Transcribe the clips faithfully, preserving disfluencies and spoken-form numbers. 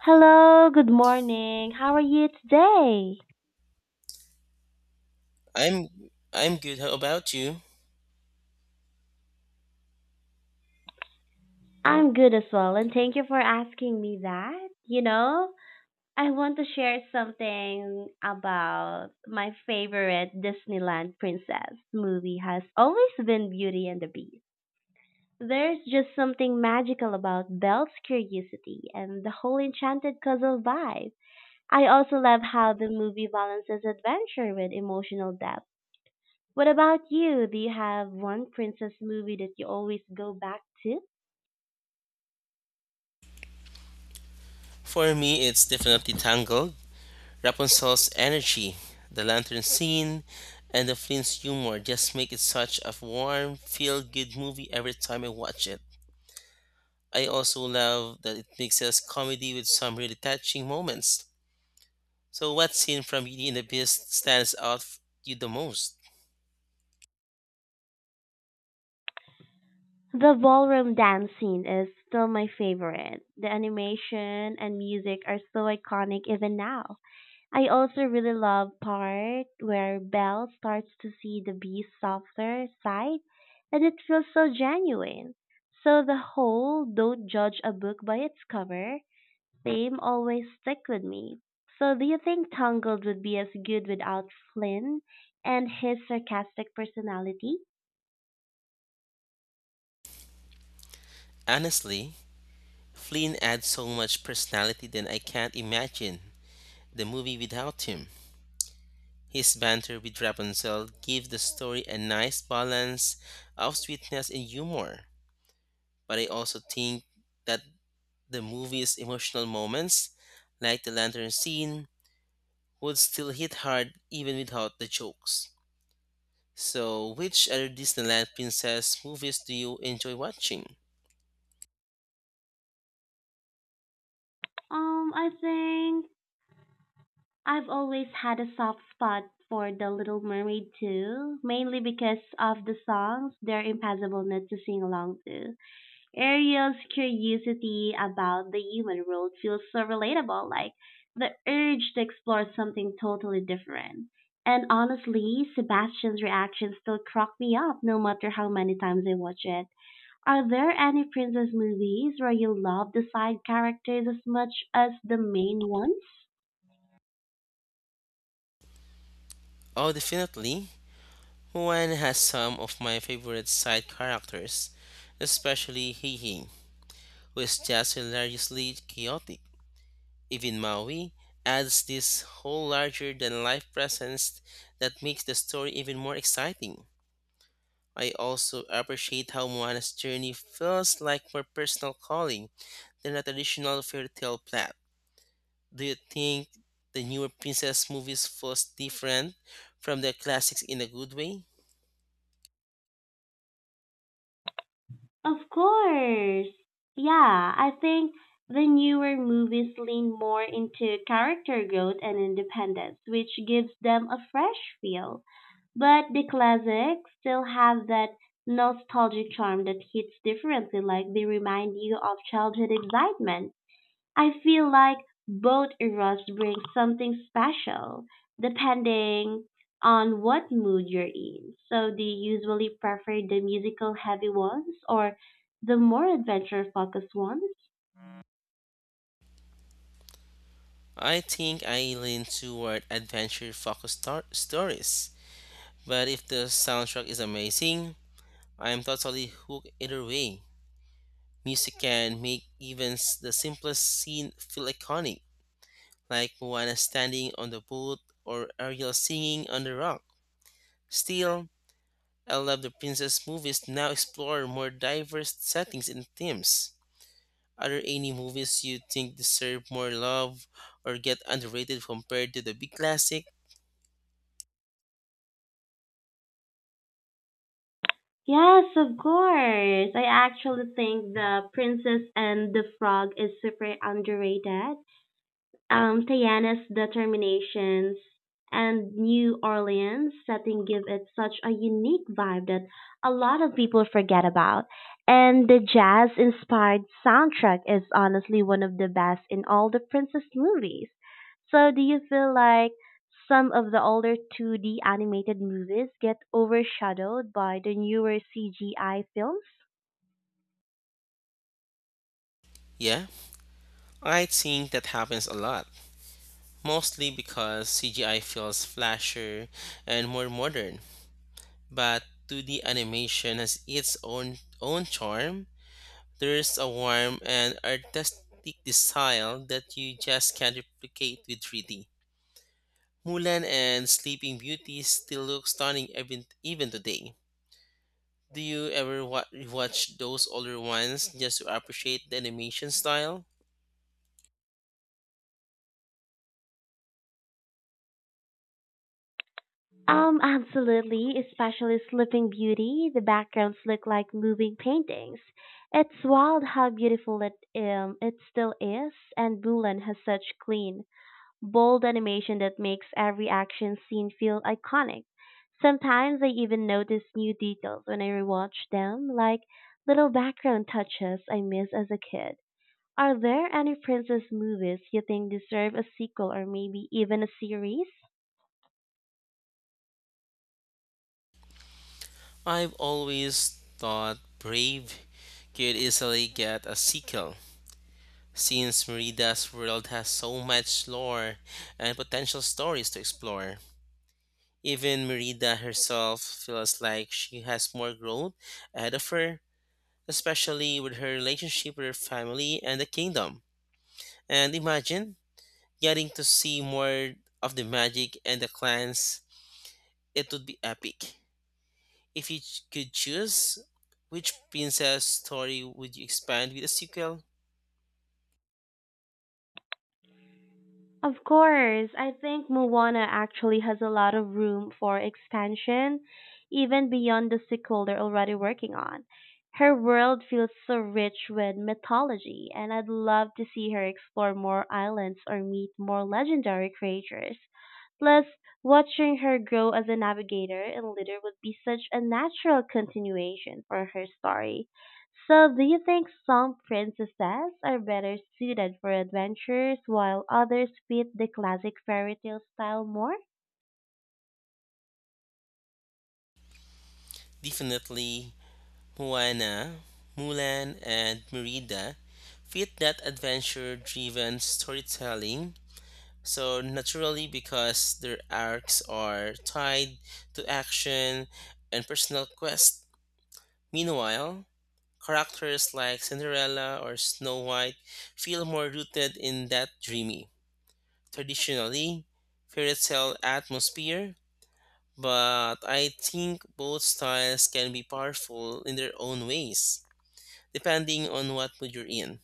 Hello, good morning. How are you today? I'm I'm good. How about you? I'm good as well, and thank you for asking me that. You know, I want to share something about my favorite Disneyland princess movie has always been Beauty and the Beast. There's just something magical about Belle's curiosity and the whole enchanted castle vibe. I also love how the movie balances adventure with emotional depth. What about you? Do you have one princess movie that you always go back to? For me, it's definitely Tangled. Rapunzel's energy, the lantern scene, and the Flint's humor just make it such a warm, feel-good movie every time I watch it. I also love that it mixes comedy with some really touching moments. So, what scene from Beauty and the Beast stands out f- you the most? The ballroom dance scene is still my favorite. The animation and music are so iconic even now. I also really love part where Belle starts to see the beast's softer side, and it feels so genuine. So the whole don't judge a book by its cover theme always stick with me. So do you think Tangled would be as good without Flynn and his sarcastic personality? Honestly, Flynn adds so much personality that I can't imagine the movie without him. His banter with Rapunzel gives the story a nice balance of sweetness and humor. But I also think that the movie's emotional moments, like the lantern scene, would still hit hard even without the jokes. So, which other Disneyland princess movies do you enjoy watching? Um, I think I've always had a soft spot for The Little Mermaid too, mainly because of the songs they're impossible not to sing along to. Ariel's curiosity about the human world feels so relatable, like the urge to explore something totally different. And honestly, Sebastian's reactions still crack me up no matter how many times I watch it. Are there any princess movies where you love the side characters as much as the main ones? Oh, definitely. Moana has some of my favorite side characters, especially Hee Hee, who is just hilariously chaotic. Even Maui adds this whole larger than life presence that makes the story even more exciting. I also appreciate how Moana's journey feels like more personal calling than a traditional fairy tale plot. Do you think the newer princess movies feels different from the classics in a good way? Of course. Yeah, I think the newer movies lean more into character growth and independence, which gives them a fresh feel. But the classics still have that nostalgic charm that hits differently, like they remind you of childhood excitement. I feel like both eras bring something special, depending on what mood you're in. So, do you usually prefer the musical heavy ones or the more adventure focused ones? I think I lean toward adventure focused star- stories, but if the soundtrack is amazing, I'm totally hooked either way. Music can make even s- the simplest scene feel iconic, like Moana standing on the boat or Ariel singing on the rock. Still, I love the princess movies now explore more diverse settings and themes. Are there any movies you think deserve more love or get underrated compared to the big classic? Yes, of course. I actually think The Princess and the Frog is super underrated. um, Tiana's determinations and New Orleans setting give it such a unique vibe that a lot of people forget about. And the jazz inspired soundtrack is honestly one of the best in all the princess movies. So, do you feel like some of the older two D animated movies get overshadowed by the newer C G I films? Yeah, I think that happens a lot, mostly because C G I feels flasher and more modern. But two D animation has its own own charm. There's a warmth and artistic style that you just can't replicate with three D. Mulan and Sleeping Beauty still look stunning even even today. Do you ever wa- watch those older ones just to appreciate the animation style? Um, absolutely, especially Sleeping Beauty. The backgrounds look like moving paintings. It's wild how beautiful it um it still is, and Mulan has such clean, bold animation that makes every action scene feel iconic. Sometimes I even notice new details when I rewatch them, like little background touches I missed as a kid. Are there any princess movies you think deserve a sequel or maybe even a series? I've always thought Brave could easily get a sequel since Merida's world has so much lore and potential stories to explore. Even Merida herself feels like she has more growth ahead of her, especially with her relationship with her family and the kingdom. And imagine getting to see more of the magic and the clans, it would be epic. If you ch- could choose, which princess story would you expand with a sequel? Of course, I think Moana actually has a lot of room for expansion, even beyond the sequel they're already working on. Her world feels so rich with mythology, and I'd love to see her explore more islands or meet more legendary creatures. Plus, watching her grow as a navigator and leader would be such a natural continuation for her story. So, do you think some princesses are better suited for adventures while others fit the classic fairy tale style more? Definitely Moana, Mulan, and Merida fit that adventure driven storytelling so naturally because their arcs are tied to action and personal quest. Meanwhile, characters like Cinderella or Snow White feel more rooted in that dreamy, traditionally fairy tale atmosphere, but I think both styles can be powerful in their own ways, depending on what mood you're in.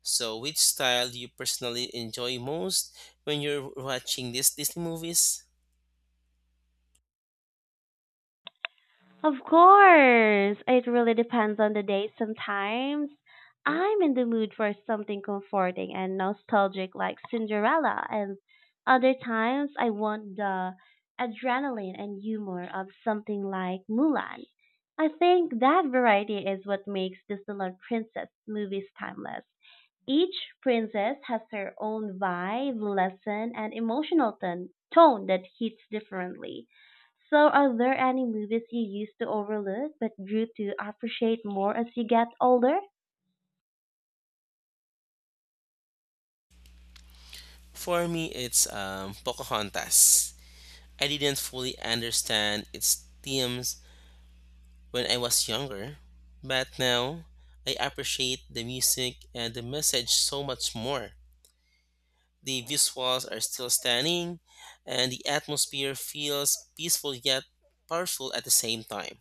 So, which style do you personally enjoy most when you're watching these Disney movies? Of course! It really depends on the day. Sometimes I'm in the mood for something comforting and nostalgic like Cinderella, and other times I want the adrenaline and humor of something like Mulan. I think that variety is what makes Disneyland Princess movies timeless. Each princess has her own vibe, lesson, and emotional ton- tone that hits differently. So, are there any movies you used to overlook but grew to appreciate more as you get older? For me, it's um, Pocahontas. I didn't fully understand its themes when I was younger, but now I appreciate the music and the message so much more. The visuals are still stunning, and the atmosphere feels peaceful yet powerful at the same time.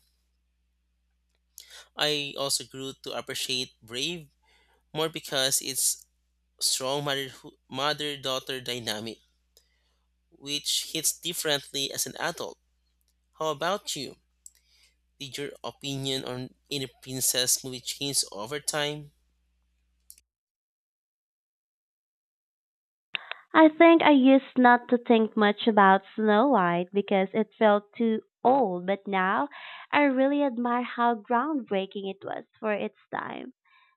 I also grew to appreciate Brave more because it's strong mother mother daughter dynamic, which hits differently as an adult. How about you? Did your opinion on any princess movie change over time? I think I used not to think much about Snow White because it felt too old, but now I really admire how groundbreaking it was for its time.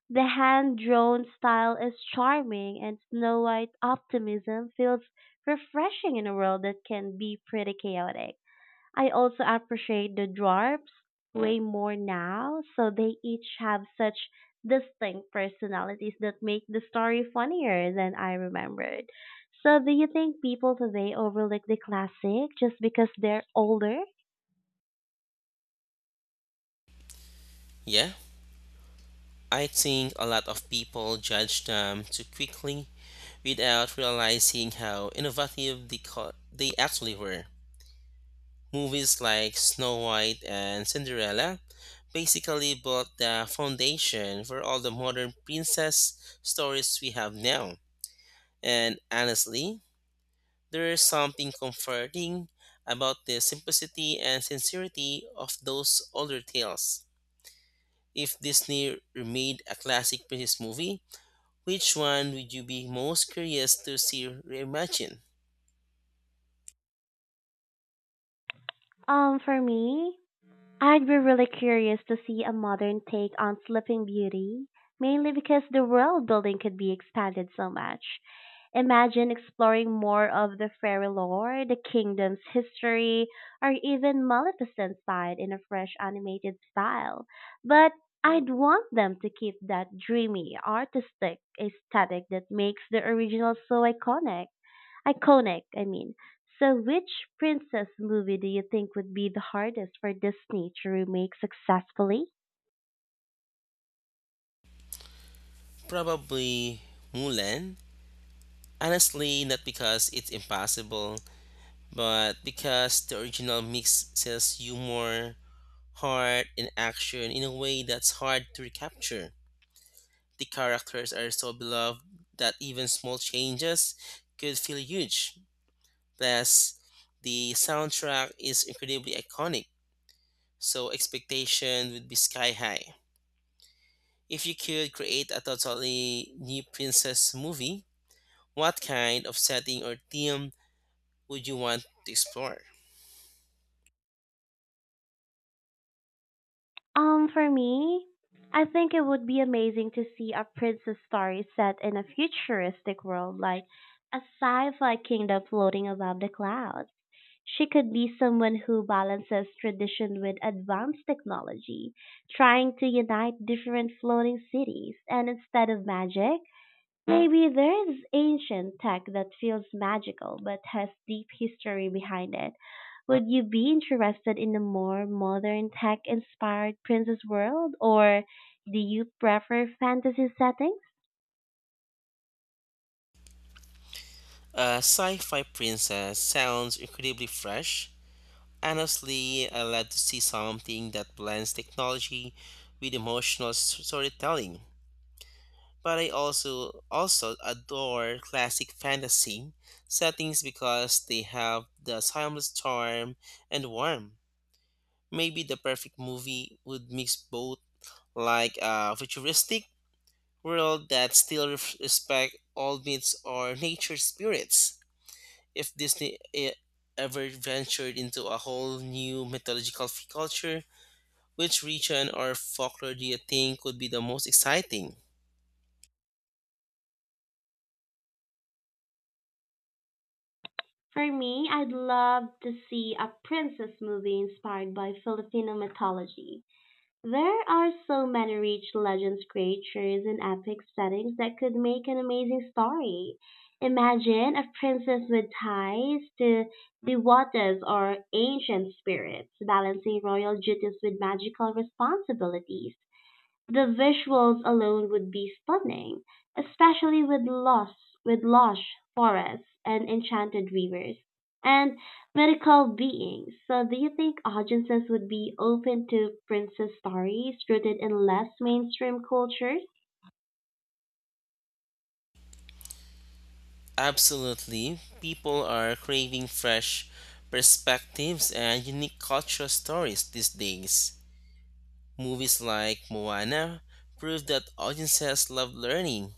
The hand-drawn style is charming, and Snow White's optimism feels refreshing in a world that can be pretty chaotic. I also appreciate the dwarfs way more now, so they each have such distinct personalities that make the story funnier than I remembered. So, do you think people today overlook the classic just because they're older? Yeah, I think a lot of people judge them too quickly without realizing how innovative they, co- they actually were. Movies like Snow White and Cinderella basically built the foundation for all the modern princess stories we have now. And honestly, there is something comforting about the simplicity and sincerity of those older tales. If Disney remade a classic princess movie, which one would you be most curious to see reimagined? Um, for me, I'd be really curious to see a modern take on Sleeping Beauty, mainly because the world building could be expanded so much. Imagine exploring more of the fairy lore, the kingdom's history, or even Maleficent's side in a fresh animated style. But I'd want them to keep that dreamy, artistic aesthetic that makes the original so iconic. Iconic, I mean. So, which princess movie do you think would be the hardest for Disney to remake successfully? Probably Mulan. Honestly, not because it's impossible, but because the original mix sells humor, heart, and action in a way that's hard to recapture. The characters are so beloved that even small changes could feel huge. Plus, the soundtrack is incredibly iconic, so expectation would be sky high. If you could create a totally new princess movie, what kind of setting or theme would you want to explore? Um, for me, I think it would be amazing to see a princess story set in a futuristic world, like a sci-fi kingdom floating above the clouds. She could be someone who balances tradition with advanced technology, trying to unite different floating cities, and instead of magic, maybe there is ancient tech that feels magical but has deep history behind it. Would you be interested in a more modern tech inspired princess world or do you prefer fantasy settings? A sci fi princess sounds incredibly fresh. Honestly, I love to see something that blends technology with emotional s- storytelling. But I also also adore classic fantasy settings because they have the timeless charm and warmth. Maybe the perfect movie would mix both, like a futuristic world that still ref- respect all myths or nature spirits. If Disney e- ever ventured into a whole new mythological f- culture, which region or folklore do you think would be the most exciting? For me, I'd love to see a princess movie inspired by Filipino mythology. There are so many rich legends, creatures, and epic settings that could make an amazing story. Imagine a princess with ties to the waters or ancient spirits, balancing royal duties with magical responsibilities. The visuals alone would be stunning, especially with lush, with lush forests and enchanted rivers and mythical beings. So, do you think audiences would be open to princess stories rooted in less mainstream cultures? Absolutely. People are craving fresh perspectives and unique cultural stories these days. Movies like Moana prove that audiences love learning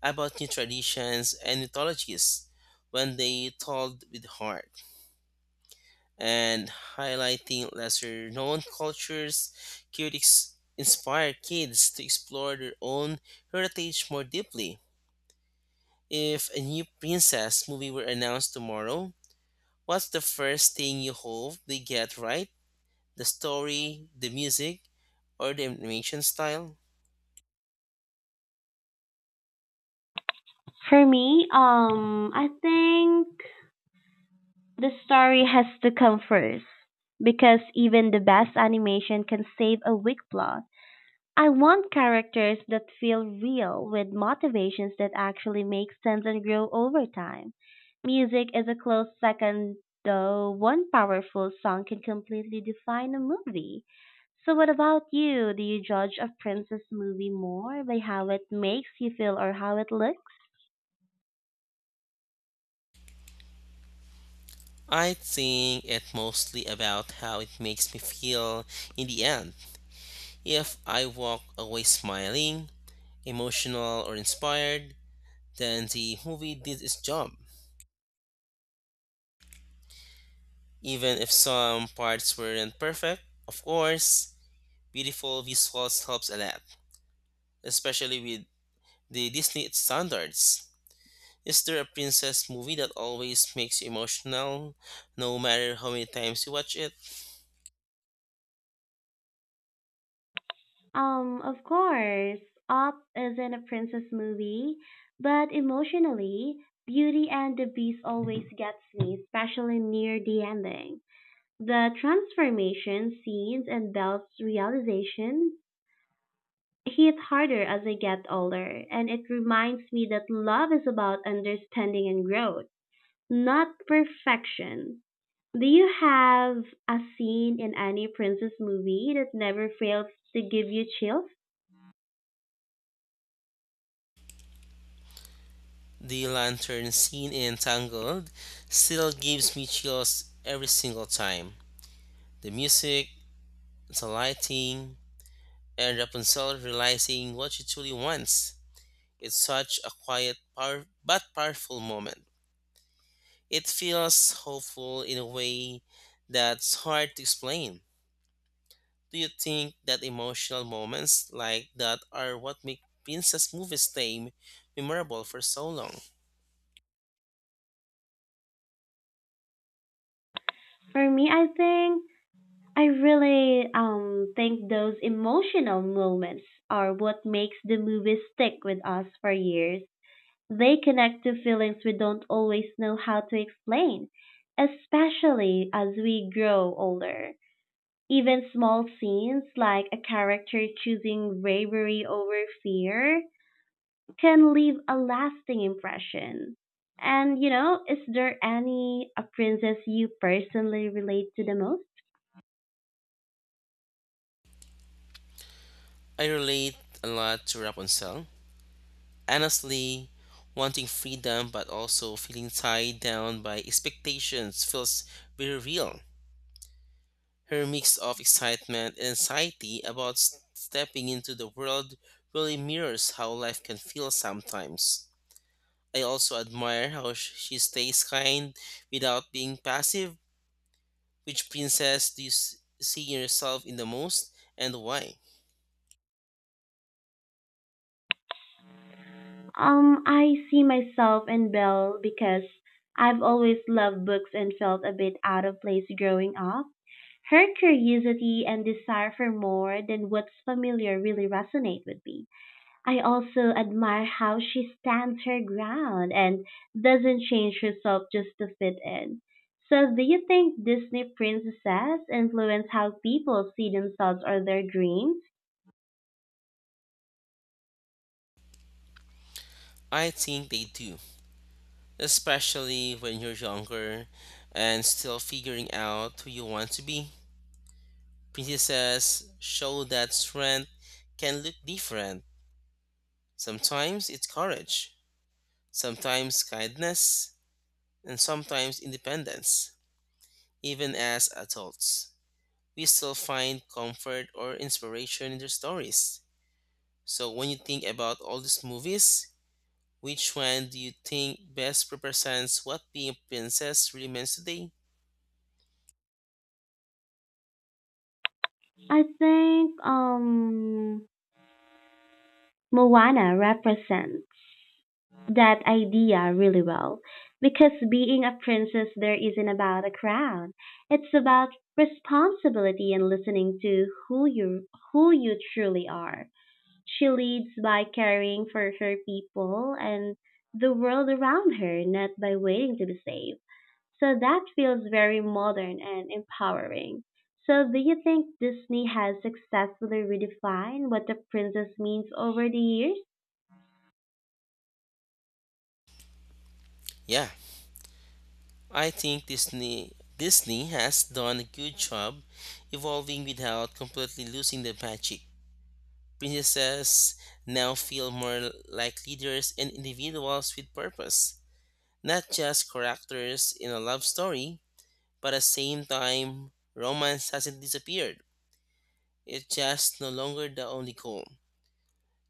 about new traditions and mythologies when they told with heart, and highlighting lesser known cultures could ex- inspire kids to explore their own heritage more deeply. If a new princess movie were announced tomorrow, what's the first thing you hope they get right? The story, the music, or the animation style? For me, um, I think the story has to come first because even the best animation can save a weak plot. I want characters that feel real with motivations that actually make sense and grow over time. Music is a close second, though one powerful song can completely define a movie. So what about you? Do you judge a princess movie more by how it makes you feel or how it looks? I think it's mostly about how it makes me feel in the end. If I walk away smiling, emotional, or inspired, then the movie did its job. Even if some parts weren't perfect, of course, beautiful visuals helps a lot, especially with the Disney standards. Is there a princess movie that always makes you emotional, no matter how many times you watch it? Um, of course, Up isn't a princess movie, but emotionally, Beauty and the Beast always gets me, especially near the ending. The transformation scenes and Belle's realization hit harder as I get older, and it reminds me that love is about understanding and growth, not perfection. Do you have a scene in any princess movie that never fails to give you chills? The lantern scene in Tangled still gives me chills every single time. The music, the lighting, and Rapunzel realizing what she truly wants. It's such a quiet power, but powerful moment. It feels hopeful in a way that's hard to explain. Do you think that emotional moments like that are what make princess movies stay memorable for so long? For me, I think I really um think those emotional moments are what makes the movie stick with us for years. They connect to feelings we don't always know how to explain, especially as we grow older. Even small scenes like a character choosing bravery over fear can leave a lasting impression. And you know, is there any a princess you personally relate to the most? I relate a lot to Rapunzel. Honestly, wanting freedom but also feeling tied down by expectations feels very real. Her mix of excitement and anxiety about s- stepping into the world really mirrors how life can feel sometimes. I also admire how sh- she stays kind without being passive. Which princess do you s- see yourself in the most and why? Um, I see myself in Belle because I've always loved books and felt a bit out of place growing up. Her curiosity and desire for more than what's familiar really resonate with me. I also admire how she stands her ground and doesn't change herself just to fit in. So, do you think Disney princesses influence how people see themselves or their dreams? I think they do, especially when you're younger and still figuring out who you want to be. Princesses show that strength can look different. Sometimes it's courage, sometimes kindness, and sometimes independence. Even as adults, we still find comfort or inspiration in their stories. So, when you think about all these movies, which one do you think best represents what being a princess really means today? I think um Moana represents that idea really well because being a princess there isn't about a crown. It's about responsibility and listening to who you who you truly are. She leads by caring for her people and the world around her, not by waiting to be saved. So that feels very modern and empowering. So do you think Disney has successfully redefined what the princess means over the years? Yeah, I think Disney Disney has done a good job evolving without completely losing the magic. Princesses now feel more like leaders and individuals with purpose, not just characters in a love story, but at the same time, romance hasn't disappeared. It's just no longer the only goal.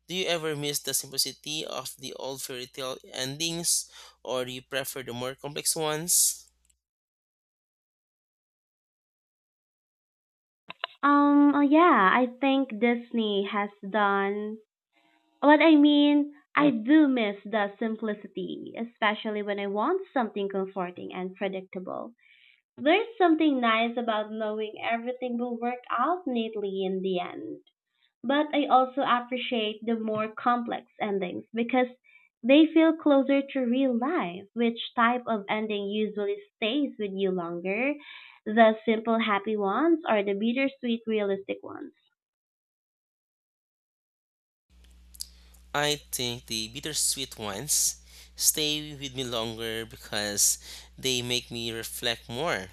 Do you ever miss the simplicity of the old fairy tale endings, or do you prefer the more complex ones? Um, uh, yeah, I think Disney has done. What I mean, I do miss the simplicity, especially when I want something comforting and predictable. There's something nice about knowing everything will work out neatly in the end. But I also appreciate the more complex endings because they feel closer to real life. Which type of ending usually stays with you longer? The simple happy ones or the bittersweet realistic ones? I think the bittersweet ones stay with me longer because they make me reflect more.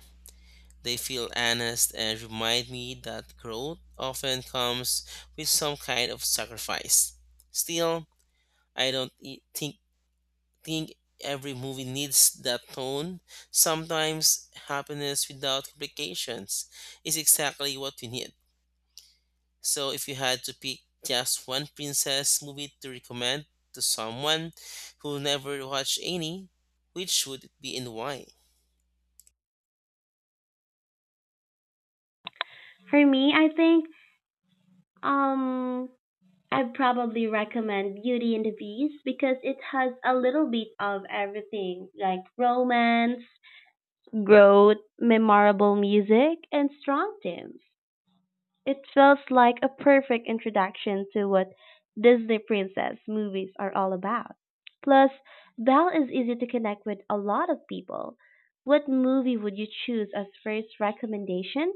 They feel honest and remind me that growth often comes with some kind of sacrifice. Still, I don't e- think think every movie needs that tone. Sometimes happiness without complications is exactly what we need. So if you had to pick just one princess movie to recommend to someone who never watched any, which would it be and why? For me, I think um I'd probably recommend Beauty and the Beast because it has a little bit of everything, like romance, growth, memorable music, and strong themes. It feels like a perfect introduction to what Disney princess movies are all about. Plus, Belle is easy to connect with a lot of people. What movie would you choose as first recommendation?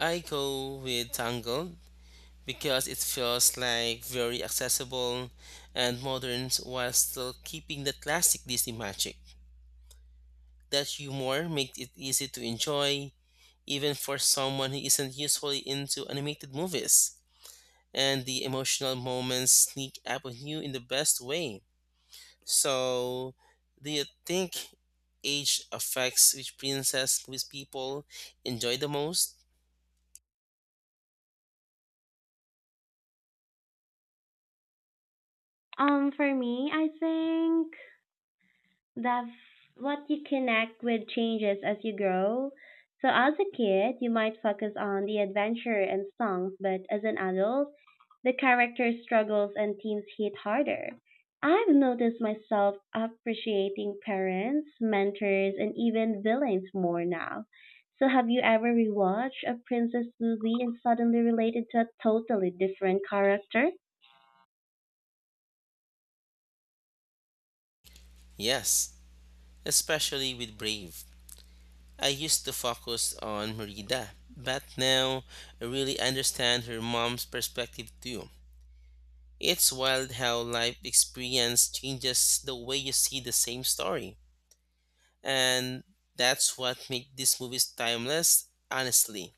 I go with Tangled because it feels like very accessible and modern while still keeping the classic Disney magic. That humor makes it easy to enjoy even for someone who isn't usually into animated movies. And the emotional moments sneak up on you in the best way. So, do you think age affects which princess movies people enjoy the most? Um, for me, I think That what you connect with changes as you grow. So as a kid, you might focus on the adventure and songs, but as an adult, the character struggles and themes hit harder. I've noticed myself appreciating parents, mentors, and even villains more now. So have you ever rewatched a princess movie and suddenly related to a totally different character? Yes, especially with Brave. I used to focus on Merida, but now I really understand her mom's perspective too. It's wild how life experience changes the way you see the same story. And that's what makes these movies timeless, honestly.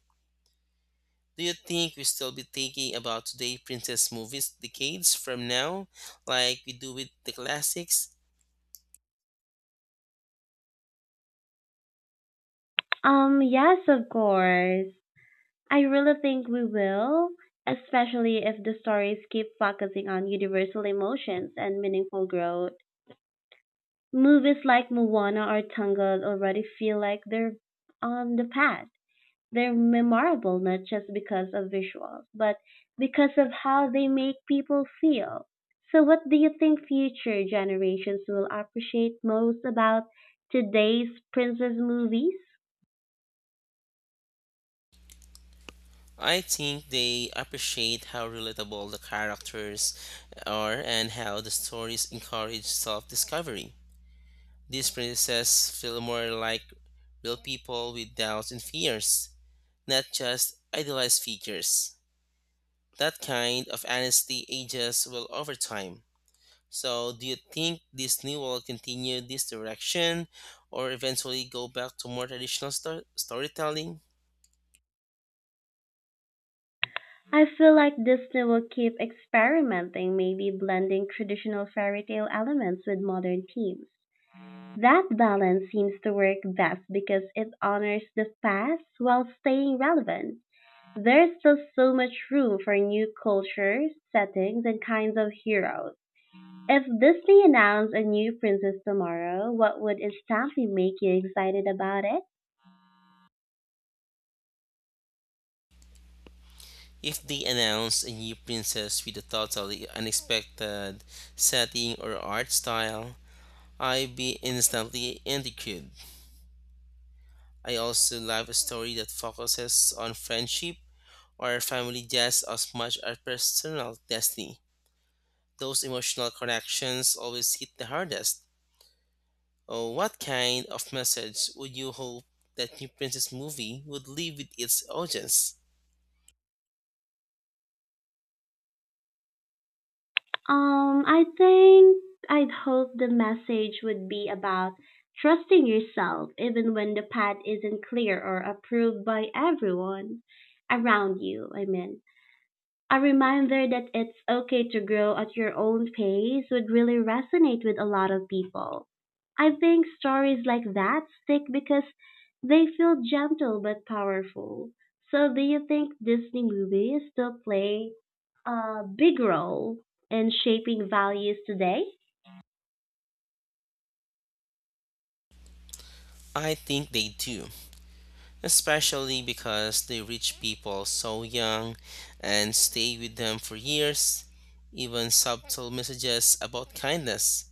Do you think we still be thinking about today princess movies decades from now, like we do with the classics? Um, yes, of course. I really think we will, especially if the stories keep focusing on universal emotions and meaningful growth. Movies like Moana or Tangled already feel like they're on the path. They're memorable not just because of visuals, but because of how they make people feel. So, what do you think future generations will appreciate most about today's princess movies? I think they appreciate how relatable the characters are and how the stories encourage self-discovery. These princesses feel more like real people with doubts and fears, not just idealized figures. That kind of honesty ages well over time. So, do you think Disney will continue this direction or eventually go back to more traditional stor- storytelling? I feel like Disney will keep experimenting, maybe blending traditional fairy tale elements with modern themes. That balance seems to work best because it honors the past while staying relevant. There's still so much room for new cultures, settings, and kinds of heroes. If Disney announced a new princess tomorrow, what would instantly make you excited about it? If they announce a new princess with a totally unexpected setting or art style, I'd be instantly intrigued. I also love a story that focuses on friendship or family just as much as personal destiny. Those emotional connections always hit the hardest. Oh, what kind of message would you hope that New Princess movie would leave with its audience? Um, I think I'd hope the message would be about trusting yourself even when the path isn't clear or approved by everyone around you. I mean, a reminder that it's okay to grow at your own pace would really resonate with a lot of people. I think stories like that stick because they feel gentle but powerful. So, do you think Disney movies still play a big role in shaping values today? I think they do, especially because they reach people so young and stay with them for years. Even subtle messages about kindness,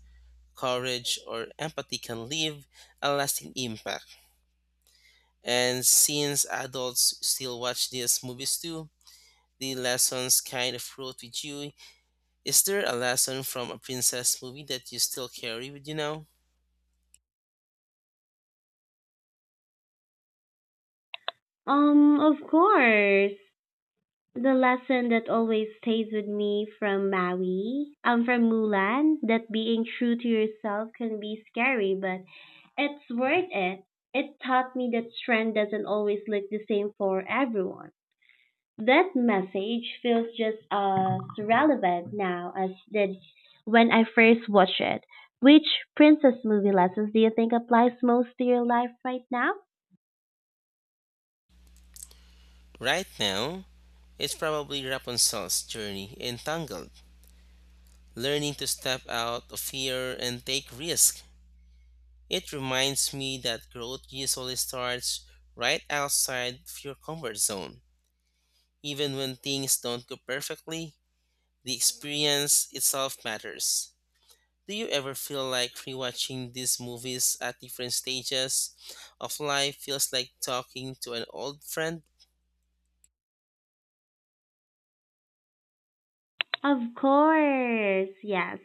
courage, or empathy can leave a lasting impact. And since adults still watch these movies too, the lessons kind of root with you. Is there a lesson from a princess movie that you still carry with you now? Um, of course. The lesson that always stays with me from Maui, um, from Mulan, that being true to yourself can be scary, but it's worth it. It taught me that strength doesn't always look the same for everyone. That message feels just as relevant now as did when I first watched it. Which princess movie lessons do you think applies most to your life right now? Right now, it's probably Rapunzel's journey in Tangled, learning to step out of fear and take risk. It reminds me that growth usually starts right outside of your comfort zone. Even when things don't go perfectly, the experience itself matters. Do you ever feel like rewatching these movies at different stages of life feels like talking to an old friend? Of course, yes.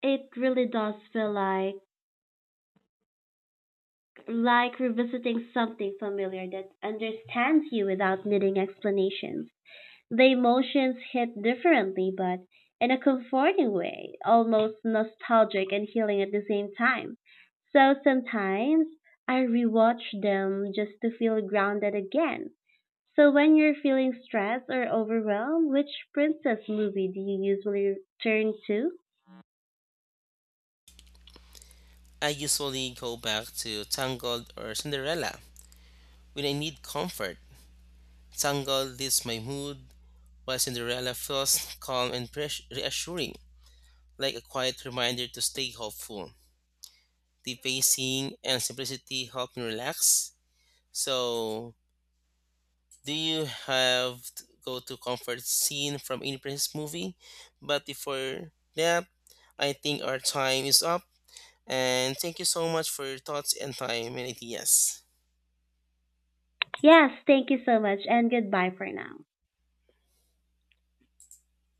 It really does feel like like revisiting something familiar that understands you without needing explanations. The emotions hit differently, but in a comforting way, almost nostalgic and healing at the same time. So sometimes I rewatch them just to feel grounded again. So when you're feeling stressed or overwhelmed, which princess movie do you usually turn to? I usually go back to Tangled or Cinderella when I need comfort. Tangled lifts my mood, while Cinderella feels calm and pres- reassuring, like a quiet reminder to stay hopeful. The pacing and simplicity help me relax. So, do you have to go to comfort scene from any previous movie? But before that, I think our time is up. And thank you so much for your thoughts and time and ideas. Yes, thank you so much and goodbye for now.